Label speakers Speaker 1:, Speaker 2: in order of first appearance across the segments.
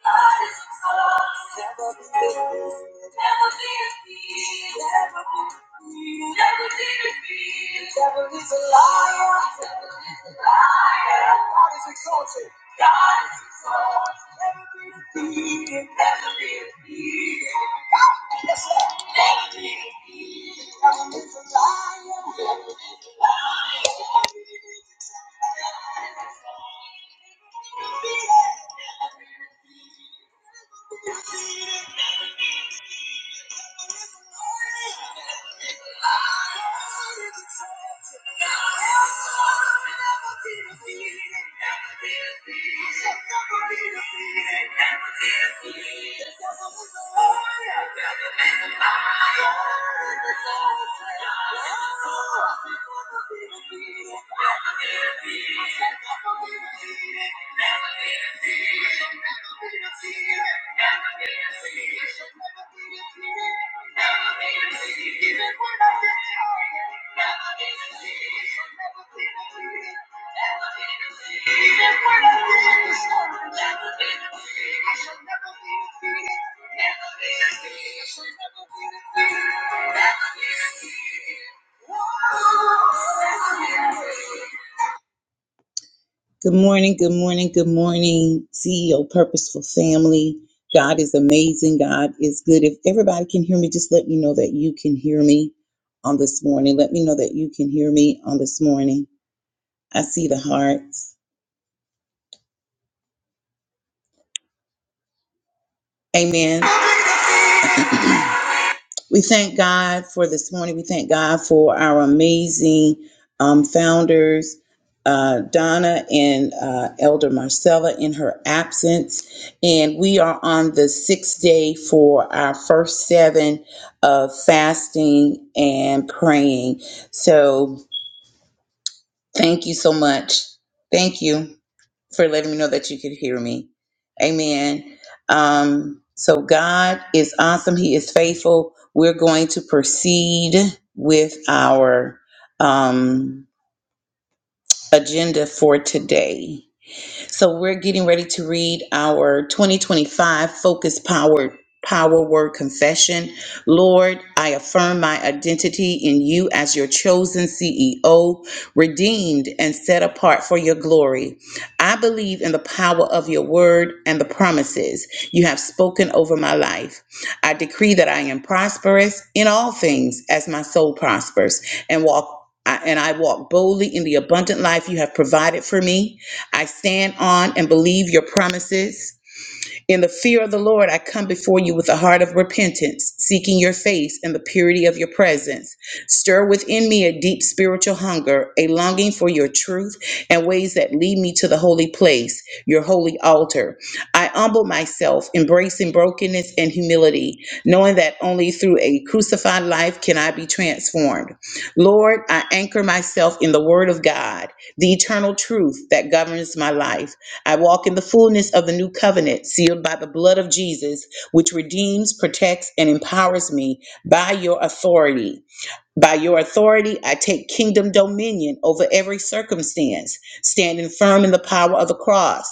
Speaker 1: Never be defeated. Never be defeated. Never be Whoa, never be defeated. Never be defeated. Good morning, good morning, good morning, CEO Purposeful Family. God is amazing. God is good. If everybody can hear me, just let me know that you can hear me on this morning. Let me know that you can hear me on this morning. I see the hearts. Amen. We thank God for this morning. We thank God for our amazing um, founders, uh, Donna and uh, Elder Marcella, in her absence. And we are on the sixth day for our first seven of fasting and praying. So thank you so much. Thank you for letting me know that you could hear me. Amen. Um, so God is awesome. He is faithful. We're going to proceed with our um, agenda for today. So we're getting ready to read our 2025 Focus Power Power Word Confession. Lord, I affirm my identity in you as your chosen CEO, redeemed and set apart for your glory. I believe in the power of your word and the promises you have spoken over my life. I decree that I am prosperous in all things as my soul prospers and walk I- and I walk boldly in the abundant life you have provided for me. I stand on and believe your promises. In the fear of the Lord, I come before you with a heart of repentance, seeking your face and the purity of your presence. Stir within me a deep spiritual hunger, a longing for your truth and ways that lead me to the holy place, your holy altar. I humble myself, embracing brokenness and humility, knowing that only through a crucified life can I be transformed. Lord, I anchor myself in the Word of God, the eternal truth that governs my life. I walk in the fullness of the new covenant, sealed by the blood of Jesus, which redeems, protects, and empowers me by your authority. By your authority, I take kingdom dominion over every circumstance, standing firm in the power of the cross.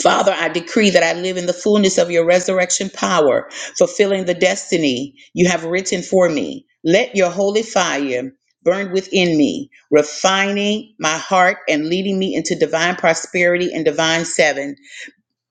Speaker 1: Father, I decree that I live in the fullness of your resurrection power, fulfilling the destiny you have written for me. Let your holy fire burn within me, refining my heart and leading me into divine prosperity and divine seven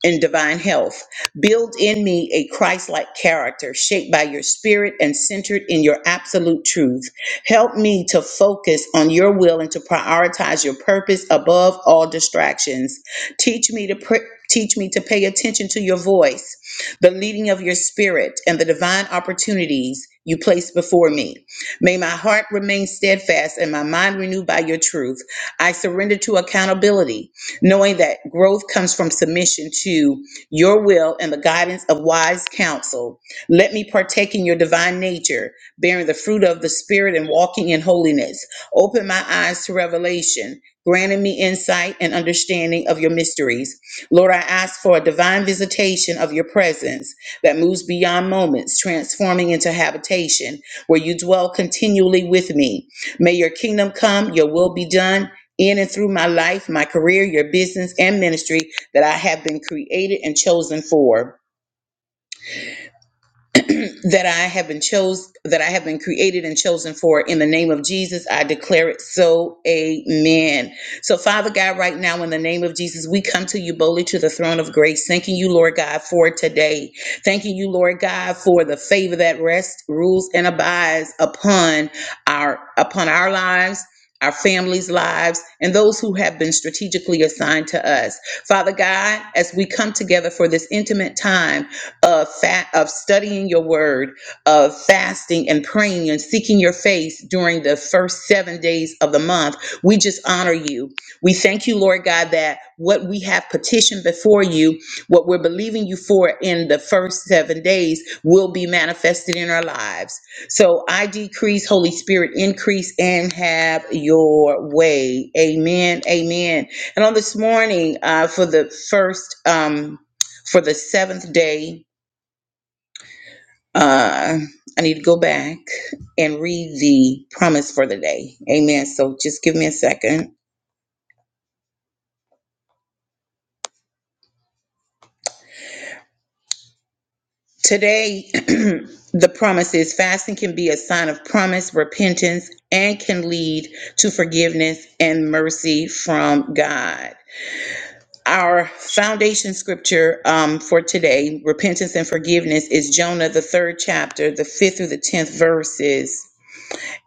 Speaker 1: and divine health. Build in me a Christ like character shaped by your spirit and centered in your absolute truth. Help me to focus on your will and to prioritize your purpose above all distractions. Teach me to pr- Teach me to pay attention to your voice, the leading of your spirit, and the divine opportunities you place before me. May my heart remain steadfast and my mind renewed by your truth. I surrender to accountability knowing that growth comes from submission to your will and the guidance of wise counsel. Let me partake in your divine nature, bearing the fruit of the Spirit and walking in holiness. Open my eyes to revelation, granting me insight and understanding of your mysteries. Lord, I ask for a divine visitation of your presence that moves beyond moments, transforming into habitation where you dwell continually with me. May your kingdom come, your will be done in and through my life, my career, your business, and ministry that I have been created and chosen for. that I have been chose that I have been created and chosen for in the name of Jesus. I declare it so. Amen. So Father God, right now in the name of Jesus, we come to you boldly to the throne of grace, thanking you, Lord God, for today. Thanking you, Lord God, for the favor that rests, rules, and abides upon our upon our lives. Our families' lives and those who have been strategically assigned to us. Father God, as we come together for this intimate time, of fa- of studying your word, of fasting and praying and seeking your face during the first 7 days of the month. We just honor you. We thank you, Lord God, that what we have petitioned before you, what we're believing you for in the first 7 days will be manifested in our lives. So I decrease, Holy Spirit increase and have your way. Amen. Amen. And on this morning, uh, for the first um for the seventh day uh, I need to go back and read the promise for the day. Amen. So just give me a second. Today, the promise is fasting can be a sign of promise, repentance, and can lead to forgiveness and mercy from God. Our foundation scripture um, for today, repentance and forgiveness, is Jonah, the third chapter, the fifth through the tenth verses.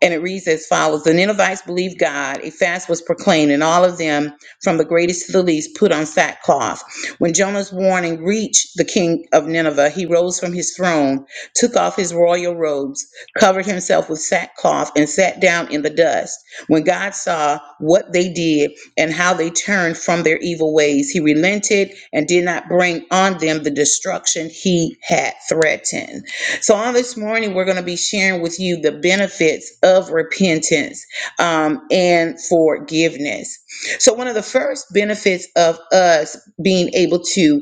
Speaker 1: And it reads as follows The Ninevites believed God. A fast was proclaimed, and all of them, from the greatest to the least, put on sackcloth. When Jonah's warning reached the king of Nineveh, he rose from his throne, took off his royal robes, covered himself with sackcloth, and sat down in the dust. When God saw what they did and how they turned from their evil ways, he relented and did not bring on them the destruction he had threatened. So, on this morning, we're going to be sharing with you the benefits of repentance um, and forgiveness. So, one of the first benefits of us being able to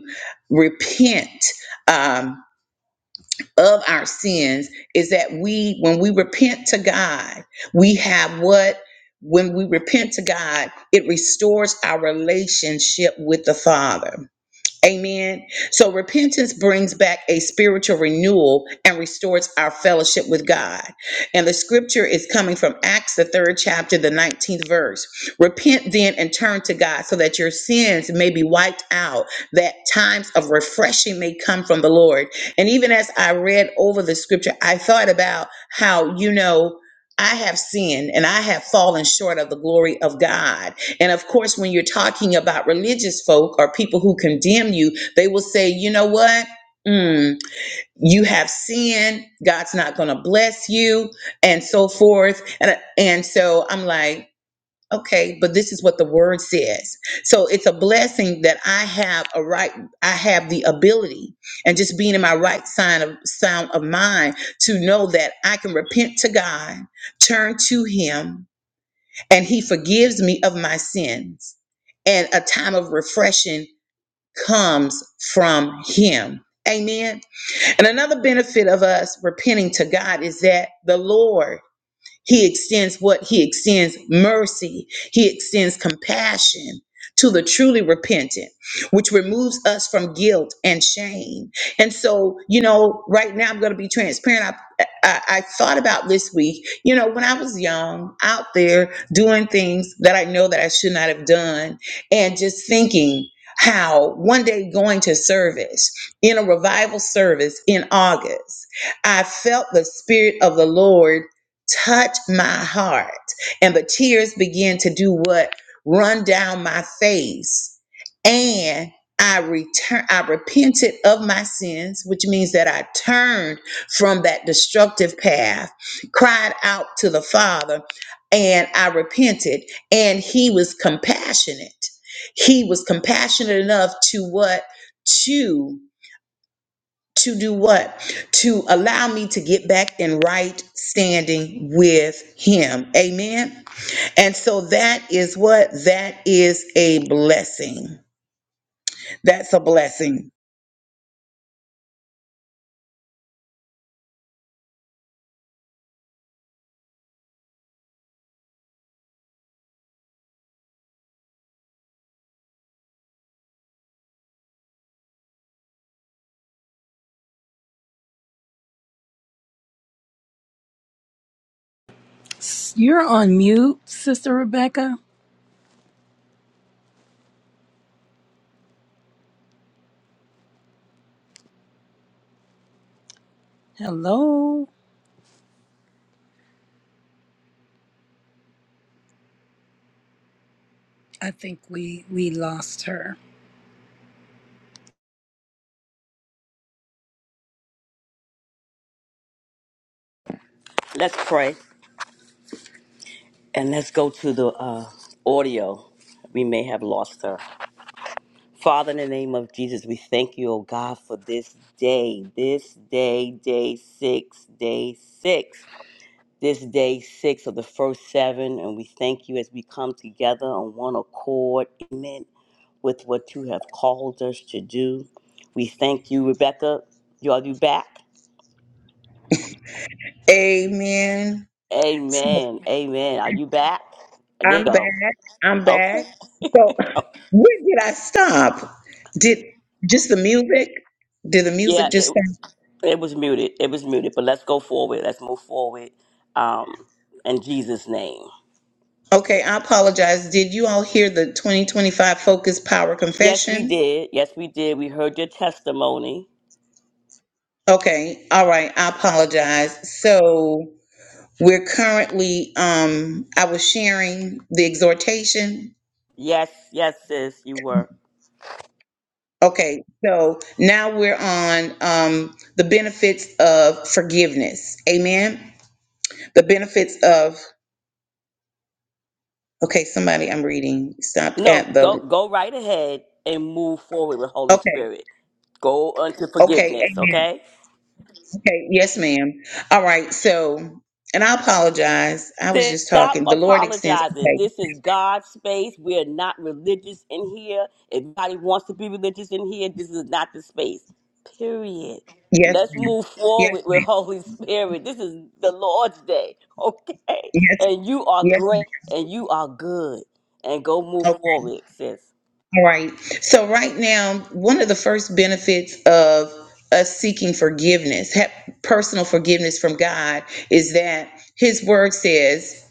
Speaker 1: repent um, of our sins is that we, when we repent to God, we have what? When we repent to God, it restores our relationship with the Father. Amen. So repentance brings back a spiritual renewal and restores our fellowship with God. And the scripture is coming from Acts, the third chapter, the 19th verse. Repent then and turn to God so that your sins may be wiped out, that times of refreshing may come from the Lord. And even as I read over the scripture, I thought about how, you know, I have sinned and I have fallen short of the glory of God and of course, when you're talking about religious folk or people who condemn you, they will say, you know what? Mm, you have sin. God's not going to bless you, and so forth. And, and so I'm like, okay, but this is what the word says. So it's a blessing that I have a right, I have the ability, and just being in my right sign of sound of mind to know that I can repent to God, turn to Him, and he forgives me of my sins. And a time of refreshing comes from him. Amen. And another benefit of us repenting to God is that the Lord he extends what? He extends mercy. He extends compassion to the truly repentant, which removes us from guilt and shame. And so, you know, right now I'm going to be transparent. I, I, I thought about this week, you know, when I was young, out there doing things that I know that I should not have done, and just thinking how one day going to service in a revival service in August, I felt the Spirit of the Lord touch my heart. And the tears begin to do what? Run down my face. And I return I repented of my sins, which means that I turned from that destructive path, cried out to the Father, and I repented. And he was compassionate. He was compassionate enough to what? To to do what? To allow me to get back in right standing with Him. Amen. And so that is what? That is a blessing. That's a blessing.
Speaker 2: You're on mute, Sister Rebecca. Hello. I think we we lost her.
Speaker 3: Let's pray and let's go to the uh, audio. We may have lost her. Father, in the name of Jesus, we thank you, oh God, for this day, this day, day six, day six, this day six of the first seven. And we thank you as we come together on one accord, amen, with what you have called us to do. We thank you, Rebecca. You are you back?
Speaker 1: Amen. So
Speaker 3: Amen. Amen. Are you back? There you
Speaker 1: I'm
Speaker 3: go.
Speaker 1: back. I'm
Speaker 3: Okay.
Speaker 1: back. So where did I stop? Did just the music? Did the
Speaker 3: Yeah.
Speaker 1: music just stop?
Speaker 3: It was muted. It was muted. But let's go forward. Let's move forward. Um, in Jesus' name.
Speaker 1: Okay, I apologize. Did you all hear the 2025 Focus Power
Speaker 3: Yes, we
Speaker 1: Confession?
Speaker 3: did. Yes, we did. We heard your testimony.
Speaker 1: Okay, all right, I apologize. So we're currently, um, I was sharing the exhortation.
Speaker 3: Yes, yes, sis, you were.
Speaker 1: Okay, so now we're on, um, the benefits of forgiveness. Amen. The benefits of, okay, somebody I'm reading stopped at
Speaker 3: No, go
Speaker 1: the,
Speaker 3: go right ahead and move forward with Holy
Speaker 1: okay,
Speaker 3: Spirit. Go unto
Speaker 1: okay,
Speaker 3: forgiveness.
Speaker 1: amen.
Speaker 3: Okay.
Speaker 1: Okay, yes, ma'am. All right, so, and I apologize. I was
Speaker 3: Sis,
Speaker 1: just
Speaker 3: Stop
Speaker 1: talking. The Lord extends,
Speaker 3: apologizing.
Speaker 1: okay,
Speaker 3: This is God's space. We're not religious in here. If anybody wants to be religious in here, this is not the space. Period.
Speaker 1: yes,
Speaker 3: Let's
Speaker 1: ma'am.
Speaker 3: move
Speaker 1: Yes,
Speaker 3: forward with
Speaker 1: ma'am.
Speaker 3: Holy Spirit. This is the Lord's day, okay? And you are
Speaker 1: Yes,
Speaker 3: great and you are good. And go move
Speaker 1: yes,
Speaker 3: forward, sis.
Speaker 1: All right. So right now, one of the first benefits of us seeking forgiveness, ha- personal forgiveness from God, is that His Word says,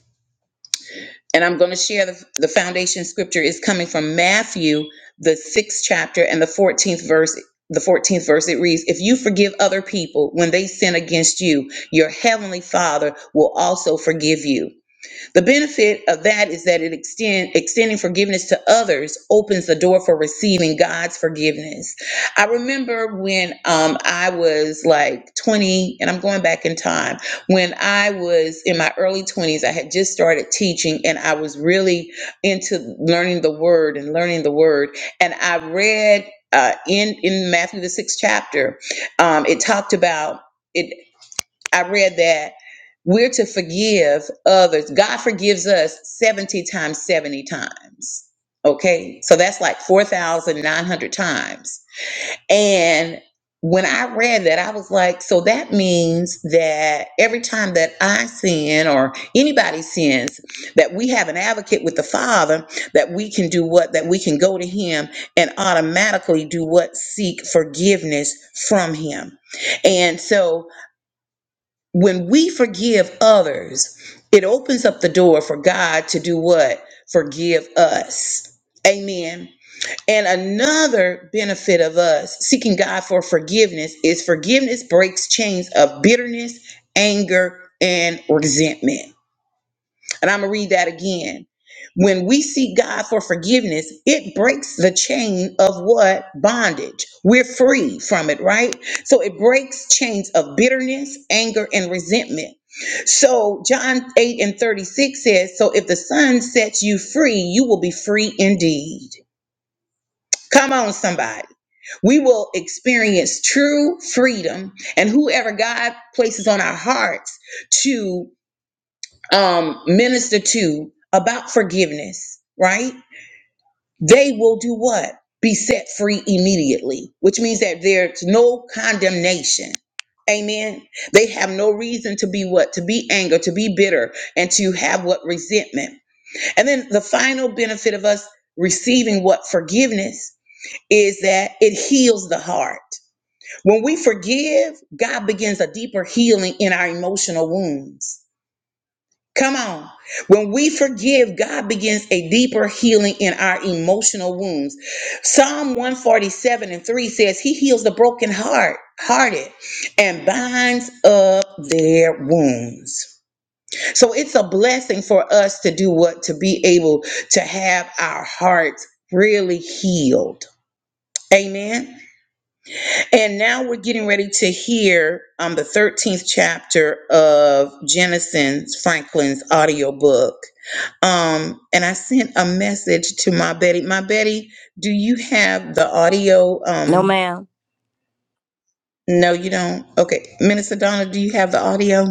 Speaker 1: and I'm going to share the, the foundation scripture is coming from Matthew, the sixth chapter and the 14th verse. The 14th verse it reads, If you forgive other people when they sin against you, your heavenly Father will also forgive you. The benefit of that is that it extend extending forgiveness to others opens the door for receiving God's forgiveness. I remember when um, I was like 20, and I'm going back in time. When I was in my early 20s, I had just started teaching, and I was really into learning the Word and learning the Word. And I read uh, in in Matthew the sixth chapter, um, it talked about. it. I read that we're to forgive others. God forgives us 70 times 70 times. Okay? So that's like 4,900 times. And when I read that, I was like, so that means that every time that I sin or anybody sins, that we have an advocate with the Father, that we can do what? That we can go to Him and automatically do what? Seek forgiveness from Him. And so when we forgive others, it opens up the door for God to do what? Forgive us. Amen. And another benefit of us seeking God for forgiveness is forgiveness breaks chains of bitterness, anger, and resentment. And I'm going to read that again. When we seek God for forgiveness, it breaks the chain of what? Bondage. We're free from it, right? So it breaks chains of bitterness, anger, and resentment. So John 8 and 36 says, So if the Son sets you free, you will be free indeed. Come on, somebody. We will experience true freedom, and whoever God places on our hearts to um, minister to about forgiveness, right? They will do what? Be set free immediately, which means that there's no condemnation. Amen. They have no reason to be what? To be anger, to be bitter, and to have what? Resentment. And then the final benefit of us receiving what? Forgiveness is that it heals the heart. When we forgive, God begins a deeper healing in our emotional wounds. Come on. When we forgive, God begins a deeper healing in our emotional wounds. Psalm 147 and 3 says, He heals the broken heart, hearted, and binds up their wounds. So it's a blessing for us to do what? To be able to have our hearts really healed. Amen. And now we're getting ready to hear um, the 13th chapter of Jennison Franklin's audiobook. Um, and I sent a message to my Betty. My Betty, do you have the audio?
Speaker 4: No,
Speaker 1: Um,
Speaker 4: ma'am.
Speaker 1: no, you don't. Okay. Minister Donna, do you have the audio?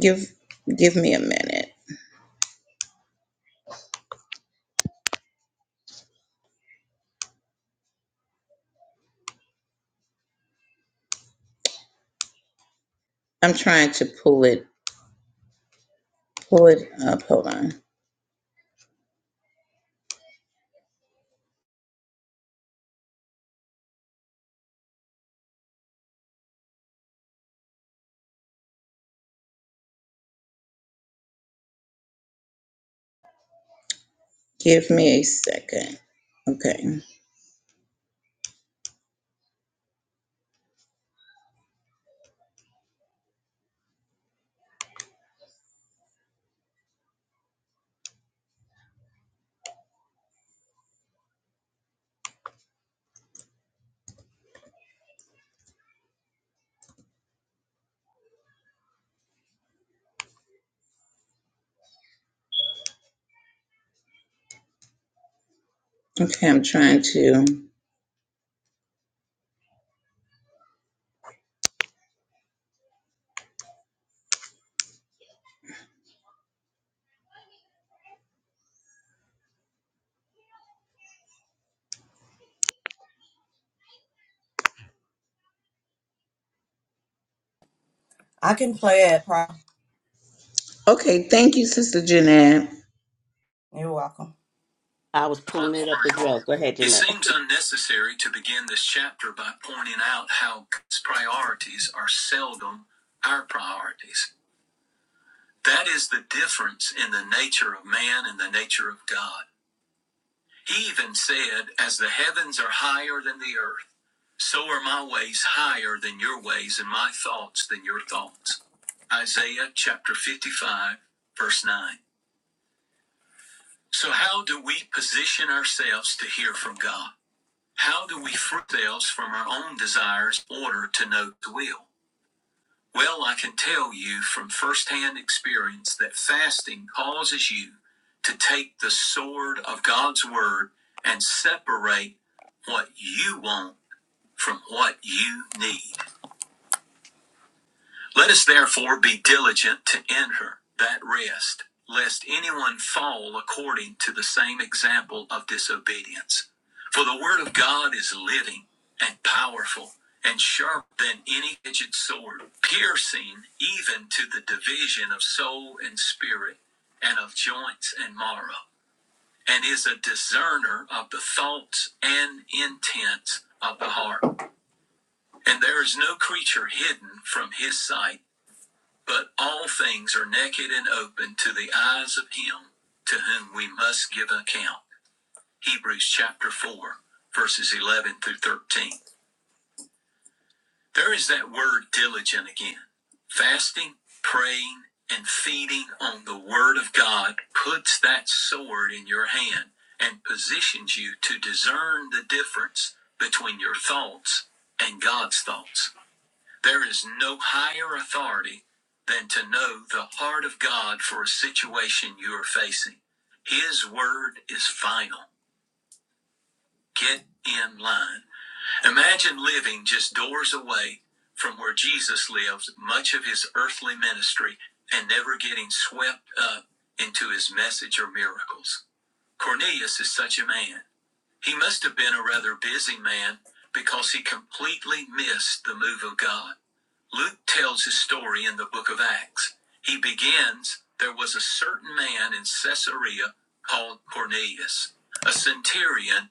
Speaker 1: Give give me a minute. I'm trying to pull it, pull it up. Hold on. Give me a second. Okay. Okay, I'm trying to.
Speaker 5: I can play it, Pro.
Speaker 1: Okay, thank you, Sister Jeanette.
Speaker 5: You're welcome.
Speaker 3: I was pulling
Speaker 5: Let's
Speaker 3: it up
Speaker 5: pray
Speaker 3: as
Speaker 5: on.
Speaker 3: well. Go ahead,
Speaker 5: It
Speaker 3: Jeanette.
Speaker 5: seems unnecessary to begin this chapter by pointing out how God's priorities are seldom our priorities. That is the difference in the nature of man and the nature of God. He even said, As the heavens are higher than the earth, so are my ways higher than your ways, and my thoughts than your thoughts. Isaiah chapter 55, verse 9. So, how do we position ourselves to hear from God? How do we free ourselves from our own desires in order to know the will? Well, I can tell you from firsthand experience that fasting causes you to take the sword of God's word and separate what you want from what you need. Let us therefore be diligent to enter that rest, lest anyone fall according to the same example of disobedience. For the word of God is living and powerful and sharper than any edged sword, piercing even to the division of soul and spirit and of joints and marrow, and is a discerner of the thoughts and intents of the heart. And there is no creature hidden from his sight but all things are naked and open to the eyes of him to whom we must give account. Hebrews chapter 4, verses 11 through 13. There is that word diligent again. Fasting, praying, and feeding on the word of God puts that sword in your hand and positions you to discern the difference between your thoughts and God's thoughts. There is no higher authority than to know the heart of God for a situation you are facing. His word is final. Get in line. Imagine living just doors away from where Jesus lived much of his earthly ministry and never getting swept up into his message or miracles. Cornelius is such a man. He must have been a rather busy man because he completely missed the move of God. Luke tells his story in the book of Acts. He begins There was a certain man in Caesarea called Cornelius, a centurion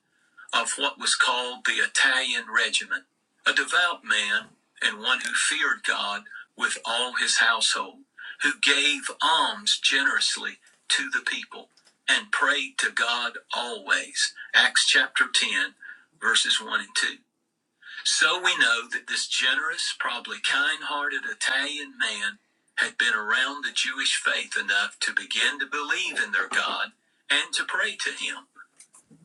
Speaker 5: of what was called the Italian regiment, a devout man and one who feared God with all his household, who gave alms generously to the people and prayed to God always. Acts chapter 10, verses 1 and 2. So we know that this generous, probably kind hearted Italian man had been around the Jewish faith enough to begin to believe in their God and to pray to him.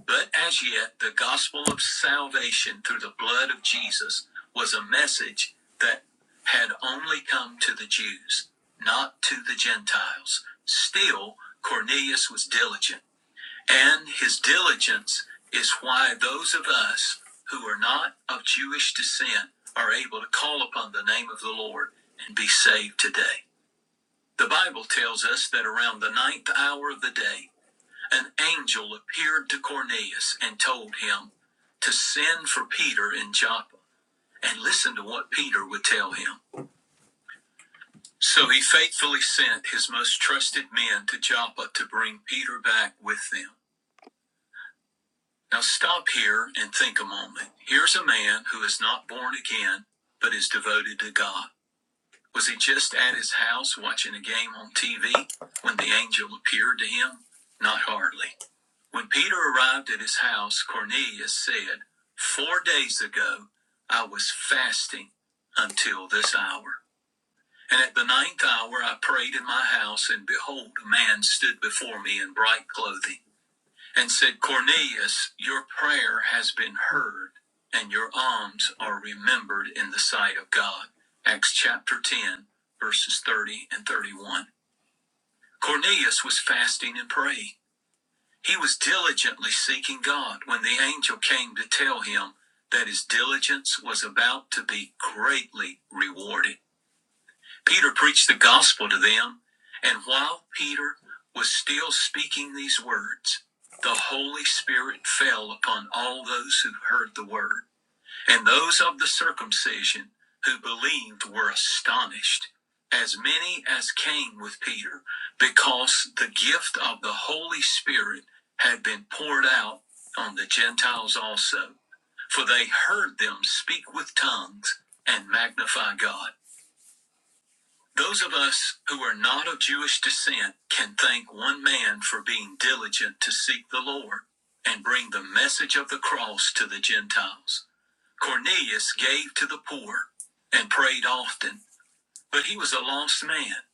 Speaker 5: But as yet, the gospel of salvation through the blood of Jesus was a message that had only come to the Jews, not to the Gentiles. Still, Cornelius was diligent. And his diligence is why those of us who are not of Jewish descent are able to call upon the name of the Lord and be saved today. The Bible tells us that around the ninth hour of the day, an angel appeared to Cornelius and told him to send for Peter in Joppa and listen to what Peter would tell him. So he faithfully sent his most trusted men to Joppa to bring Peter back with them. Now stop here and think a moment. Here's a man who is not born again, but is devoted to God. Was he just at his house watching a game on TV when the angel appeared to him? Not hardly. When Peter arrived at his house, Cornelius said, "Four days ago, I was fasting until this hour. And at the ninth hour, I prayed in my house, and behold, a man stood before me in bright clothing and said, Cornelius, your prayer has been heard, and your alms are remembered in the sight of God. Acts chapter 10, verses 30 and 31. Cornelius was fasting and praying. He was diligently seeking God when the angel came to tell him that his diligence was about to be greatly rewarded. Peter preached the gospel to them, and while Peter was still speaking these words, the Holy Spirit fell upon all those who heard the word. And those of the circumcision who believed were astonished, as many as came with Peter, because the gift of the Holy Spirit had been poured out on the Gentiles also. For they heard them speak with tongues and magnify God. Those of us who are not of Jewish descent can thank one man for being diligent to seek the Lord and bring the message of the cross to the Gentiles. Cornelius gave to the poor and prayed often, but he was a lost man.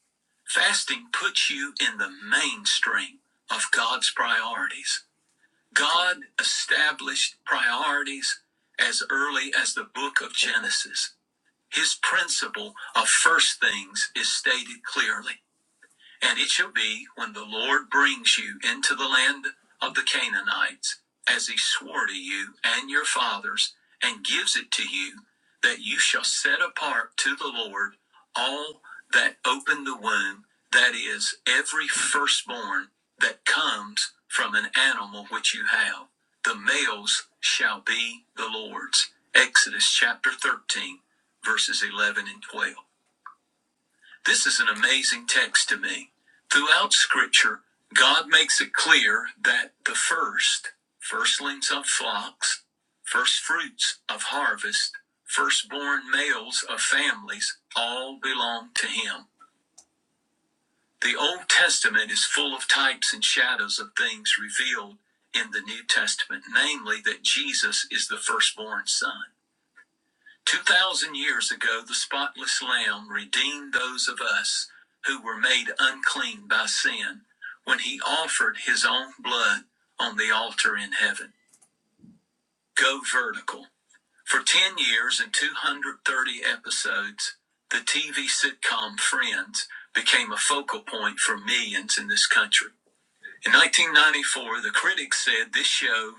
Speaker 5: Fasting puts you in the mainstream of God's priorities. God established priorities as early as the book of Genesis. His principle of first things is stated clearly. And it shall be when the Lord brings you into the land of the Canaanites, as he swore to you and your fathers, and gives it to you, that you shall set apart to the Lord all that open the womb, that is, every firstborn that comes from an animal which you have. The males shall be the Lord's. Exodus chapter 13, verses 11 and 12. This is an amazing text to me. Throughout Scripture, God makes it clear that the first, firstlings of flocks, first fruits of harvest, firstborn males of families, all belong to Him. The Old Testament is full of types and shadows of things revealed in the New Testament, namely that Jesus is the firstborn Son. Two thousand years ago, the spotless Lamb redeemed those of us who were made unclean by sin when he offered his own blood on the altar in heaven. Go vertical. For 10 years and 230 episodes, the TV sitcom Friends became a focal point for millions in this country. In 1994, the critics said this show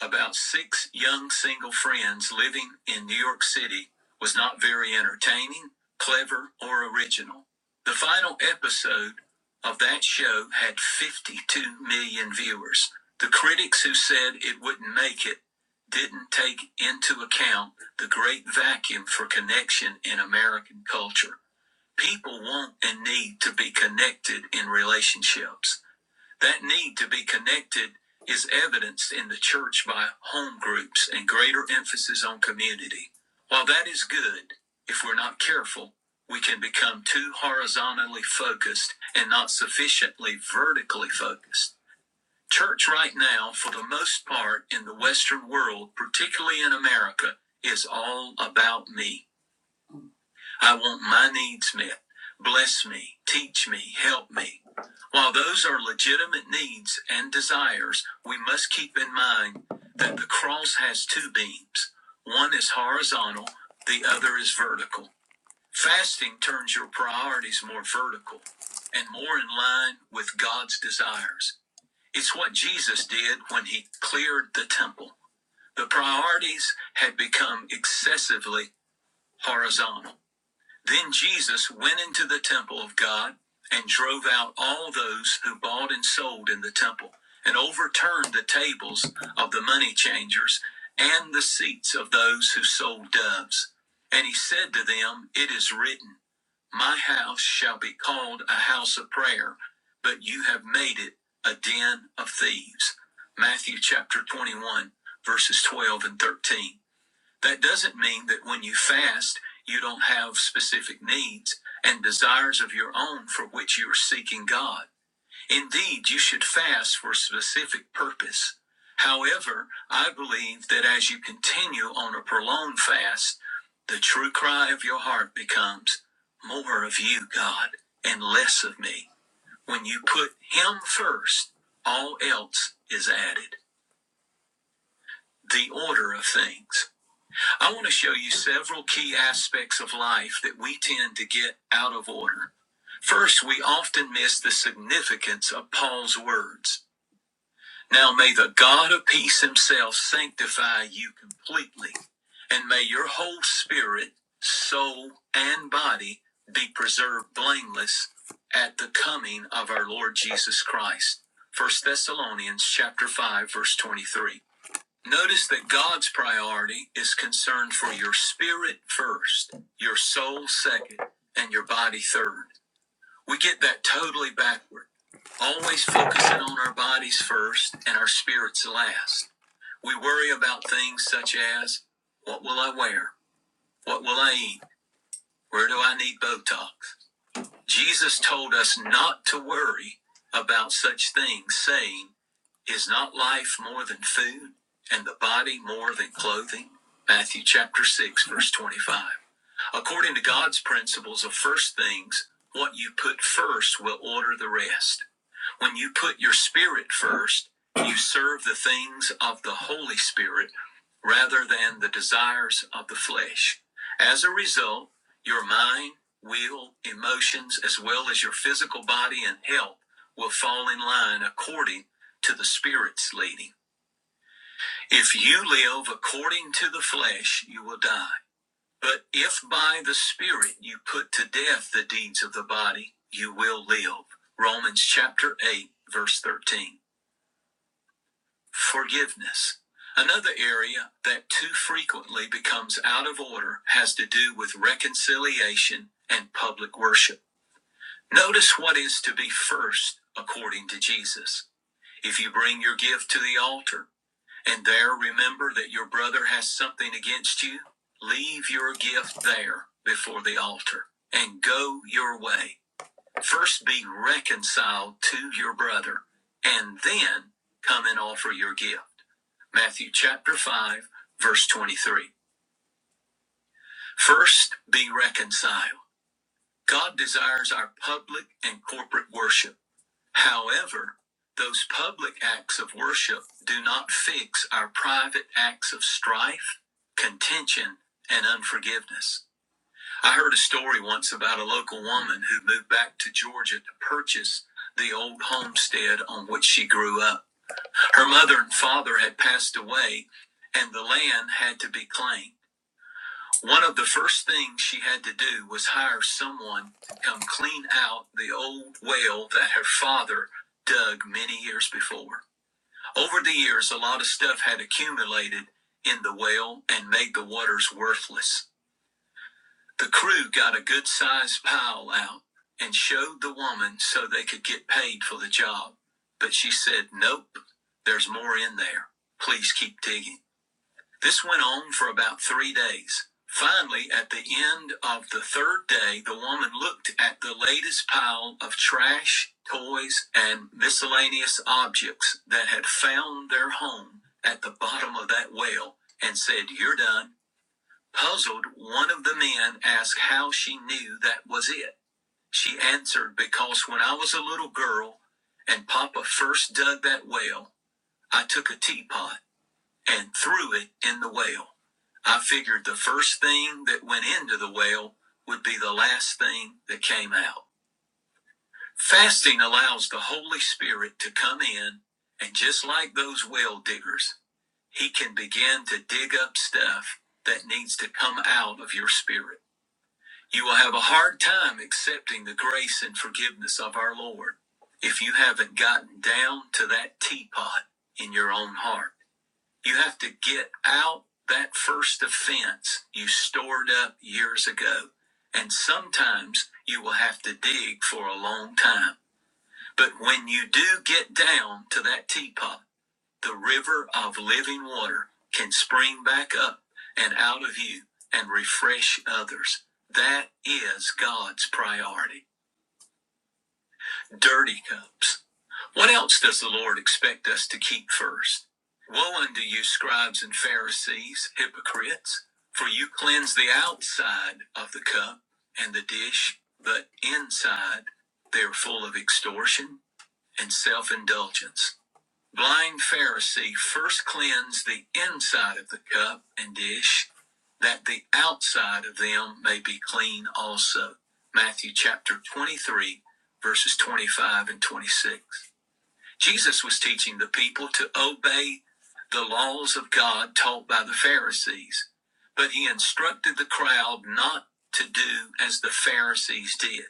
Speaker 5: about six young single friends living in New York City was not very entertaining, clever, or original. The final episode of that show had 52 million viewers. The critics who said it wouldn't make it didn't take into account the great vacuum for connection in American culture. People want and need to be connected in relationships. That need to be connected is evidenced in the church by home groups and greater emphasis on community. While that is good, if we're not careful, we can become too horizontally focused and not sufficiently vertically focused. Church right now, for the most part in the Western world, particularly in America, is all about me. I want my needs met. Bless me, teach me, help me. While those are legitimate needs and desires, we must keep in mind that the cross has two beams. One is horizontal, the other is vertical. Fasting turns your priorities more vertical and more in line with God's desires. It's what Jesus did when he cleared the temple. The priorities had become excessively horizontal. Then Jesus went into the temple of God and drove out all those who bought and sold in the temple, and overturned the tables of the money changers and the seats of those who sold doves. And he said to them, It is written, My house shall be called a house of prayer, but you have made it a den of thieves. Matthew chapter 21, verses 12 and 13. That doesn't mean that when you fast, you don't have specific needs and desires of your own for which you are seeking God. Indeed, you should fast for a specific purpose. However, I believe that as you continue on a prolonged fast, the true cry of your heart becomes more of you, God, and less of me. When you put Him first, all else is added. The order of things. I want to show you several key aspects of life that we tend to get out of order. First, we often miss the significance of Paul's words. Now may the God of peace himself sanctify you completely, and may your whole spirit, soul, and body be preserved blameless at the coming of our Lord Jesus Christ. First Thessalonians chapter 5 verse 23. Notice that God's priority is concerned for your spirit first, your soul second, and your body third. We get that totally backward, always focusing on our bodies first and our spirits last. We worry about things such as what will I wear? What will I eat? Where do I need Botox? Jesus told us not to worry about such things, saying, Is not life more than food, and the body more than clothing? Matthew chapter 6, verse 25. According to God's principles of first things, what you put first will order the rest. When you put your spirit first, you serve the things of the Holy Spirit rather than the desires of the flesh. As a result, your mind, will, emotions, as well as your physical body and health will fall in line according to the Spirit's leading. If you live according to the flesh, you will die. But if by the Spirit you put to death the deeds of the body, you will live. Romans chapter 8, verse 13. Forgiveness. Another area that too frequently becomes out of order has to do with reconciliation and public worship. Notice what is to be first according to Jesus. If you bring your gift to the altar, and there remember that your brother has something against you, leave your gift there before the altar and go your way. First be reconciled to your brother and then come and offer your gift. Matthew chapter 5, verse 23. First be reconciled. God desires our public and corporate worship. However, those public acts of worship do not fix our private acts of strife, contention, and unforgiveness. I heard a story once about a local woman who moved back to Georgia to purchase the old homestead on which she grew up. Her mother and father had passed away, and the land had to be claimed. One of the first things she had to do was hire someone to come clean out the old well that her father dug many years before. Over the years, a lot of stuff had accumulated in the well and made the waters worthless. The crew got a good sized pile out and showed the woman so they could get paid for the job. But she said, Nope, there's more in there. Please keep digging. This went on for about three days. Finally, at the end of the third day, the woman looked at the latest pile of trash, toys, and miscellaneous objects that had found their home at the bottom of that well and said, You're done. Puzzled, one of the men asked how she knew that was it. She answered, Because when I was a little girl and Papa first dug that well, I took a teapot and threw it in the well. I figured the first thing that went into the well would be the last thing that came out. Fasting allows the Holy Spirit to come in, and just like those well diggers, he can begin to dig up stuff that needs to come out of your spirit. You will have a hard time accepting the grace and forgiveness of our Lord if you haven't gotten down to that teapot in your own heart. You have to get out that first offense you stored up years ago. And sometimes you will have to dig for a long time. But when you do get down to that teapot, the river of living water can spring back up and out of you and refresh others. That is God's priority dirty cups. What else does the Lord expect us to keep first? Woe unto you, scribes and Pharisees, hypocrites, for you cleanse the outside of the cup and the dish, but inside they are full of extortion and self indulgence blind Pharisee first cleanse the inside of the cup and dish, that the outside of them may be clean also. Matthew chapter 23, verses 25 and 26. Jesus was teaching the people to obey the laws of God taught by the Pharisees, but he instructed the crowd not to do as the Pharisees did.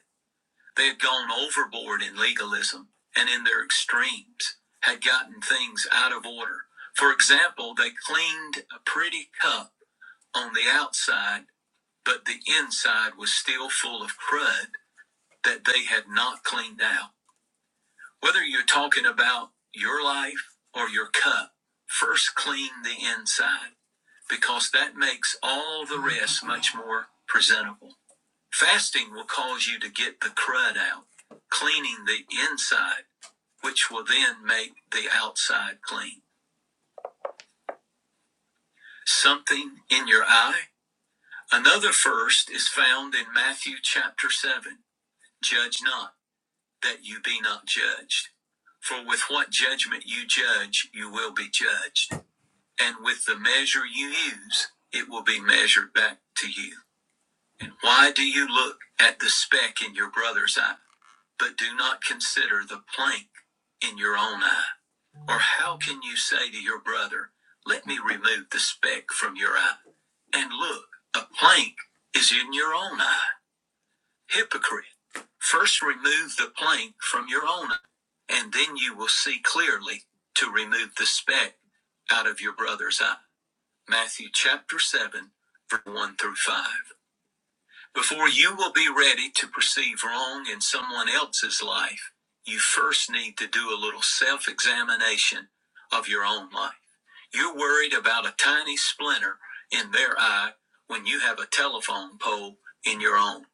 Speaker 5: They had gone overboard in legalism and in their extremes had gotten things out of order. For example, they cleaned a pretty cup on the outside, but the inside was still full of crud that they had not cleaned out. Whether you're talking about your life or your cup, first clean the inside because that makes all the rest much more presentable. Fasting will cause you to get the crud out, cleaning the inside, which will then make the outside clean. Something in your eye? Another first is found in Matthew chapter 7. Judge not, that you be not judged. For with what judgment you judge, you will be judged. And with the measure you use, it will be measured back to you. And why do you look at the speck in your brother's eye? But do not consider the plank in your own eye. Or how can you say to your brother, Let me remove the speck from your eye? And look, a plank is in your own eye. Hypocrite. First remove the plank from your own eye, and then you will see clearly to remove the speck out of your brother's eye. Matthew chapter 7, verse 1 through 5. Before you will be ready to perceive wrong in someone else's life, you first need to do a little self examination of your own life. You're worried about a tiny splinter in their eye when you have a telephone pole in your own.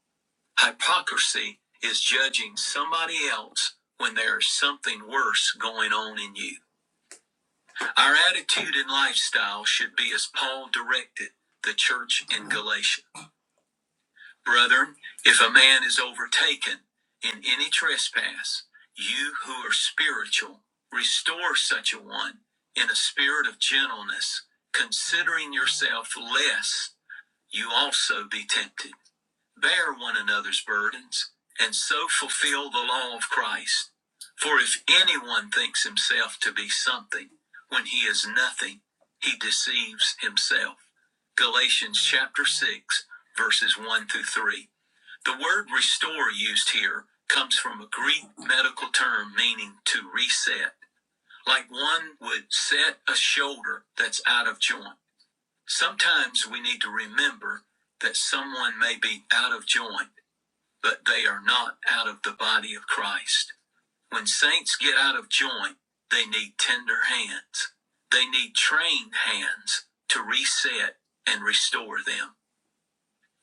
Speaker 5: Hypocrisy is judging somebody else when there's something worse going on in you. Our attitude and lifestyle should be as Paul directed the church in Galatia. Brother, if a man is overtaken in any trespass, you who are spiritual, restore such a one in a spirit of gentleness, considering yourself lest you also be tempted. Bear one another's burdens, and so fulfill the law of Christ. For if anyone thinks himself to be something when he is nothing, he deceives himself. Galatians chapter 6, verses 1 through 3. The word restore used here comes from a Greek medical term meaning to reset, like one would set a shoulder that's out of joint. Sometimes we need to remember that someone may be out of joint but they are not out of the body of Christ. When saints get out of joint, they need tender hands. They need trained hands to reset and restore them.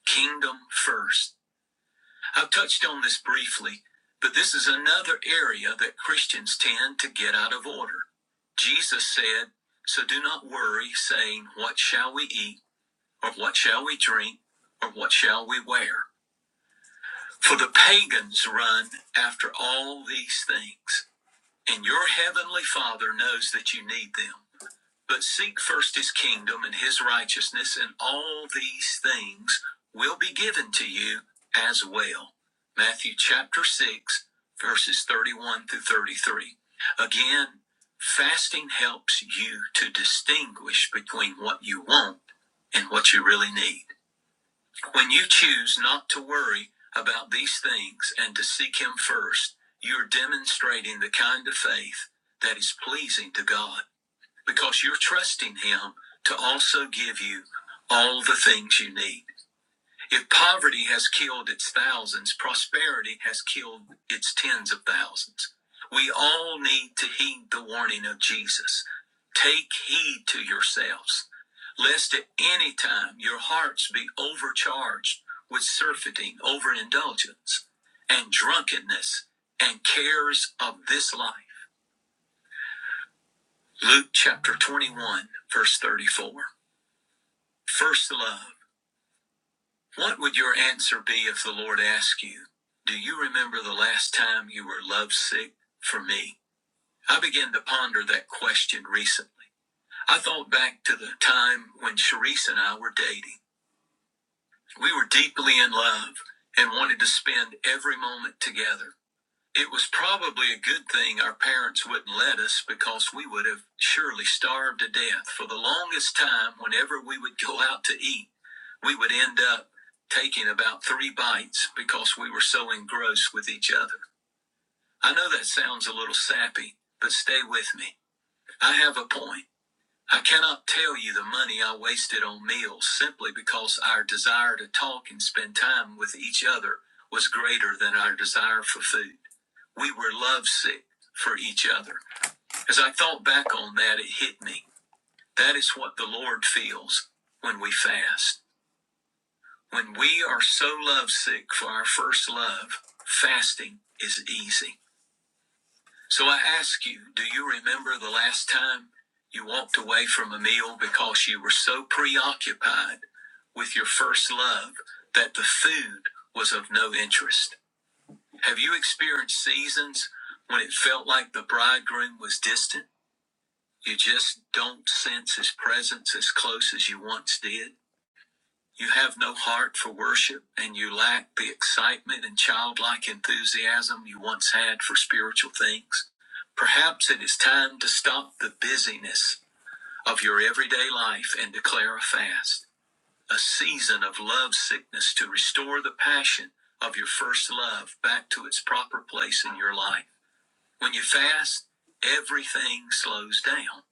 Speaker 5: Kingdom first. I've touched on this briefly, but this is another area that Christians tend to get out of order. Jesus said, So do not worry, saying, What shall we eat? Or what shall we drink? Or what shall we wear? For the pagans run after all these things, and your heavenly Father knows that you need them. But seek first his kingdom and his righteousness, and all these things will be given to you as well. Matthew chapter 6, verses 31 through 33. Again, fasting helps you to distinguish between what you want and what you really need. When you choose not to worry about these things and to seek Him first, you're demonstrating the kind of faith that is pleasing to God because you're trusting Him to also give you all the things you need. If poverty has killed its thousands, prosperity has killed its tens of thousands. We all need to heed the warning of Jesus. Take heed to yourselves, lest at any time your hearts be overcharged with surfeiting, overindulgence, and drunkenness, and cares of this life. Luke chapter 21, verse 34. First love. What would your answer be if the Lord asked you, Do you remember the last time you were lovesick for me? I began to ponder that question recently. I thought back to the time when Sharice and I were dating. We were deeply in love and wanted to spend every moment together. It was probably a good thing our parents wouldn't let us because we would have surely starved to death. For the longest time, whenever we would go out to eat, we would end up taking about three bites because we were so engrossed with each other. I know that sounds a little sappy, but stay with me. I have a point. I cannot tell you the money I wasted on meals simply because our desire to talk and spend time with each other was greater than our desire for food. We were lovesick for each other. As I thought back on that, it hit me. That is what the Lord feels when we fast. When we are so lovesick for our first love, fasting is easy. So I ask you, do you remember the last time you walked away from a meal because you were so preoccupied with your first love that the food was of no interest? Have you experienced seasons when it felt like the bridegroom was distant? You just don't sense his presence as close as you once did? You have no heart for worship, and you lack the excitement and childlike enthusiasm you once had for spiritual things. Perhaps it is time to stop the busyness of your everyday life and declare a fast, a season of love sickness to restore the passion of your first love back to its proper place in your life. When you fast, everything slows down.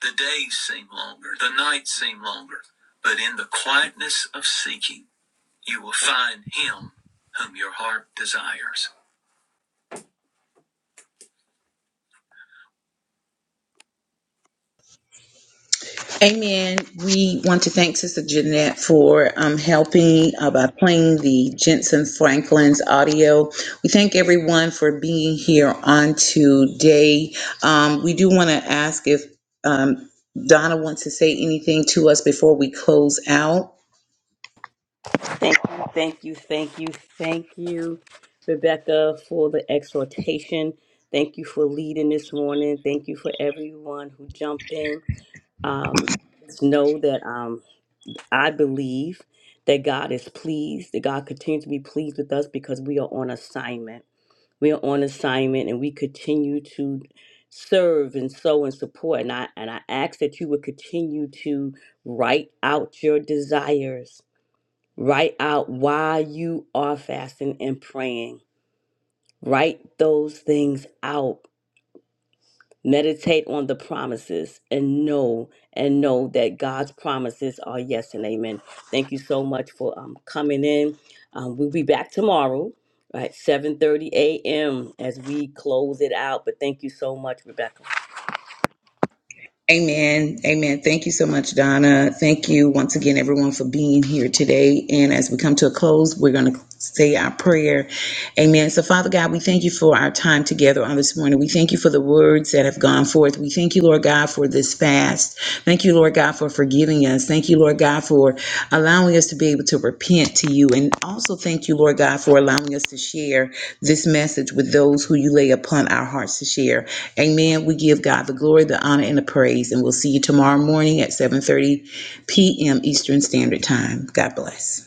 Speaker 5: The days seem longer, the nights seem longer, but in the quietness of seeking, you will find him whom your heart desires.
Speaker 1: Amen. We want to thank Sister Jeanette for um, helping uh, by playing the Jensen Franklin's audio. We thank everyone for being here on today. Um, we do want to ask if um, Donna wants to say anything to us before we close out.
Speaker 3: Thank you, thank you, thank you, thank you, Rebecca, for the exhortation. Thank you for leading this morning. Thank you for everyone who jumped in. Um, just know that um, I believe that God is pleased, that God continues to be pleased with us because we are on assignment. We are on assignment and we continue to serve and sow and support. And I and I ask that you would continue to write out your desires Write out why you are fasting and praying. Write those things out. Meditate on the promises and know and know that God's promises are yes and amen. Thank you so much for um, coming in. Um, we'll be back tomorrow at 7:30 a.m. as we close it out. But thank you so much, Rebecca.
Speaker 1: Amen. Amen. Thank you so much, Donna. Thank you once again, everyone, for being here today. And as we come to a close, we're going to say our prayer. Amen. So, Father God, we thank you for our time together on this morning. We thank you for the words that have gone forth. We thank you, Lord God, for this fast. Thank you, Lord God, for forgiving us. Thank you, Lord God, for allowing us to be able to repent to you. And also thank you, Lord God, for allowing us to share this message with those who you lay upon our hearts to share. Amen. We give God the glory, the honor, and the praise. And we'll see you tomorrow morning at 7:30 p.m. Eastern Standard Time. God bless.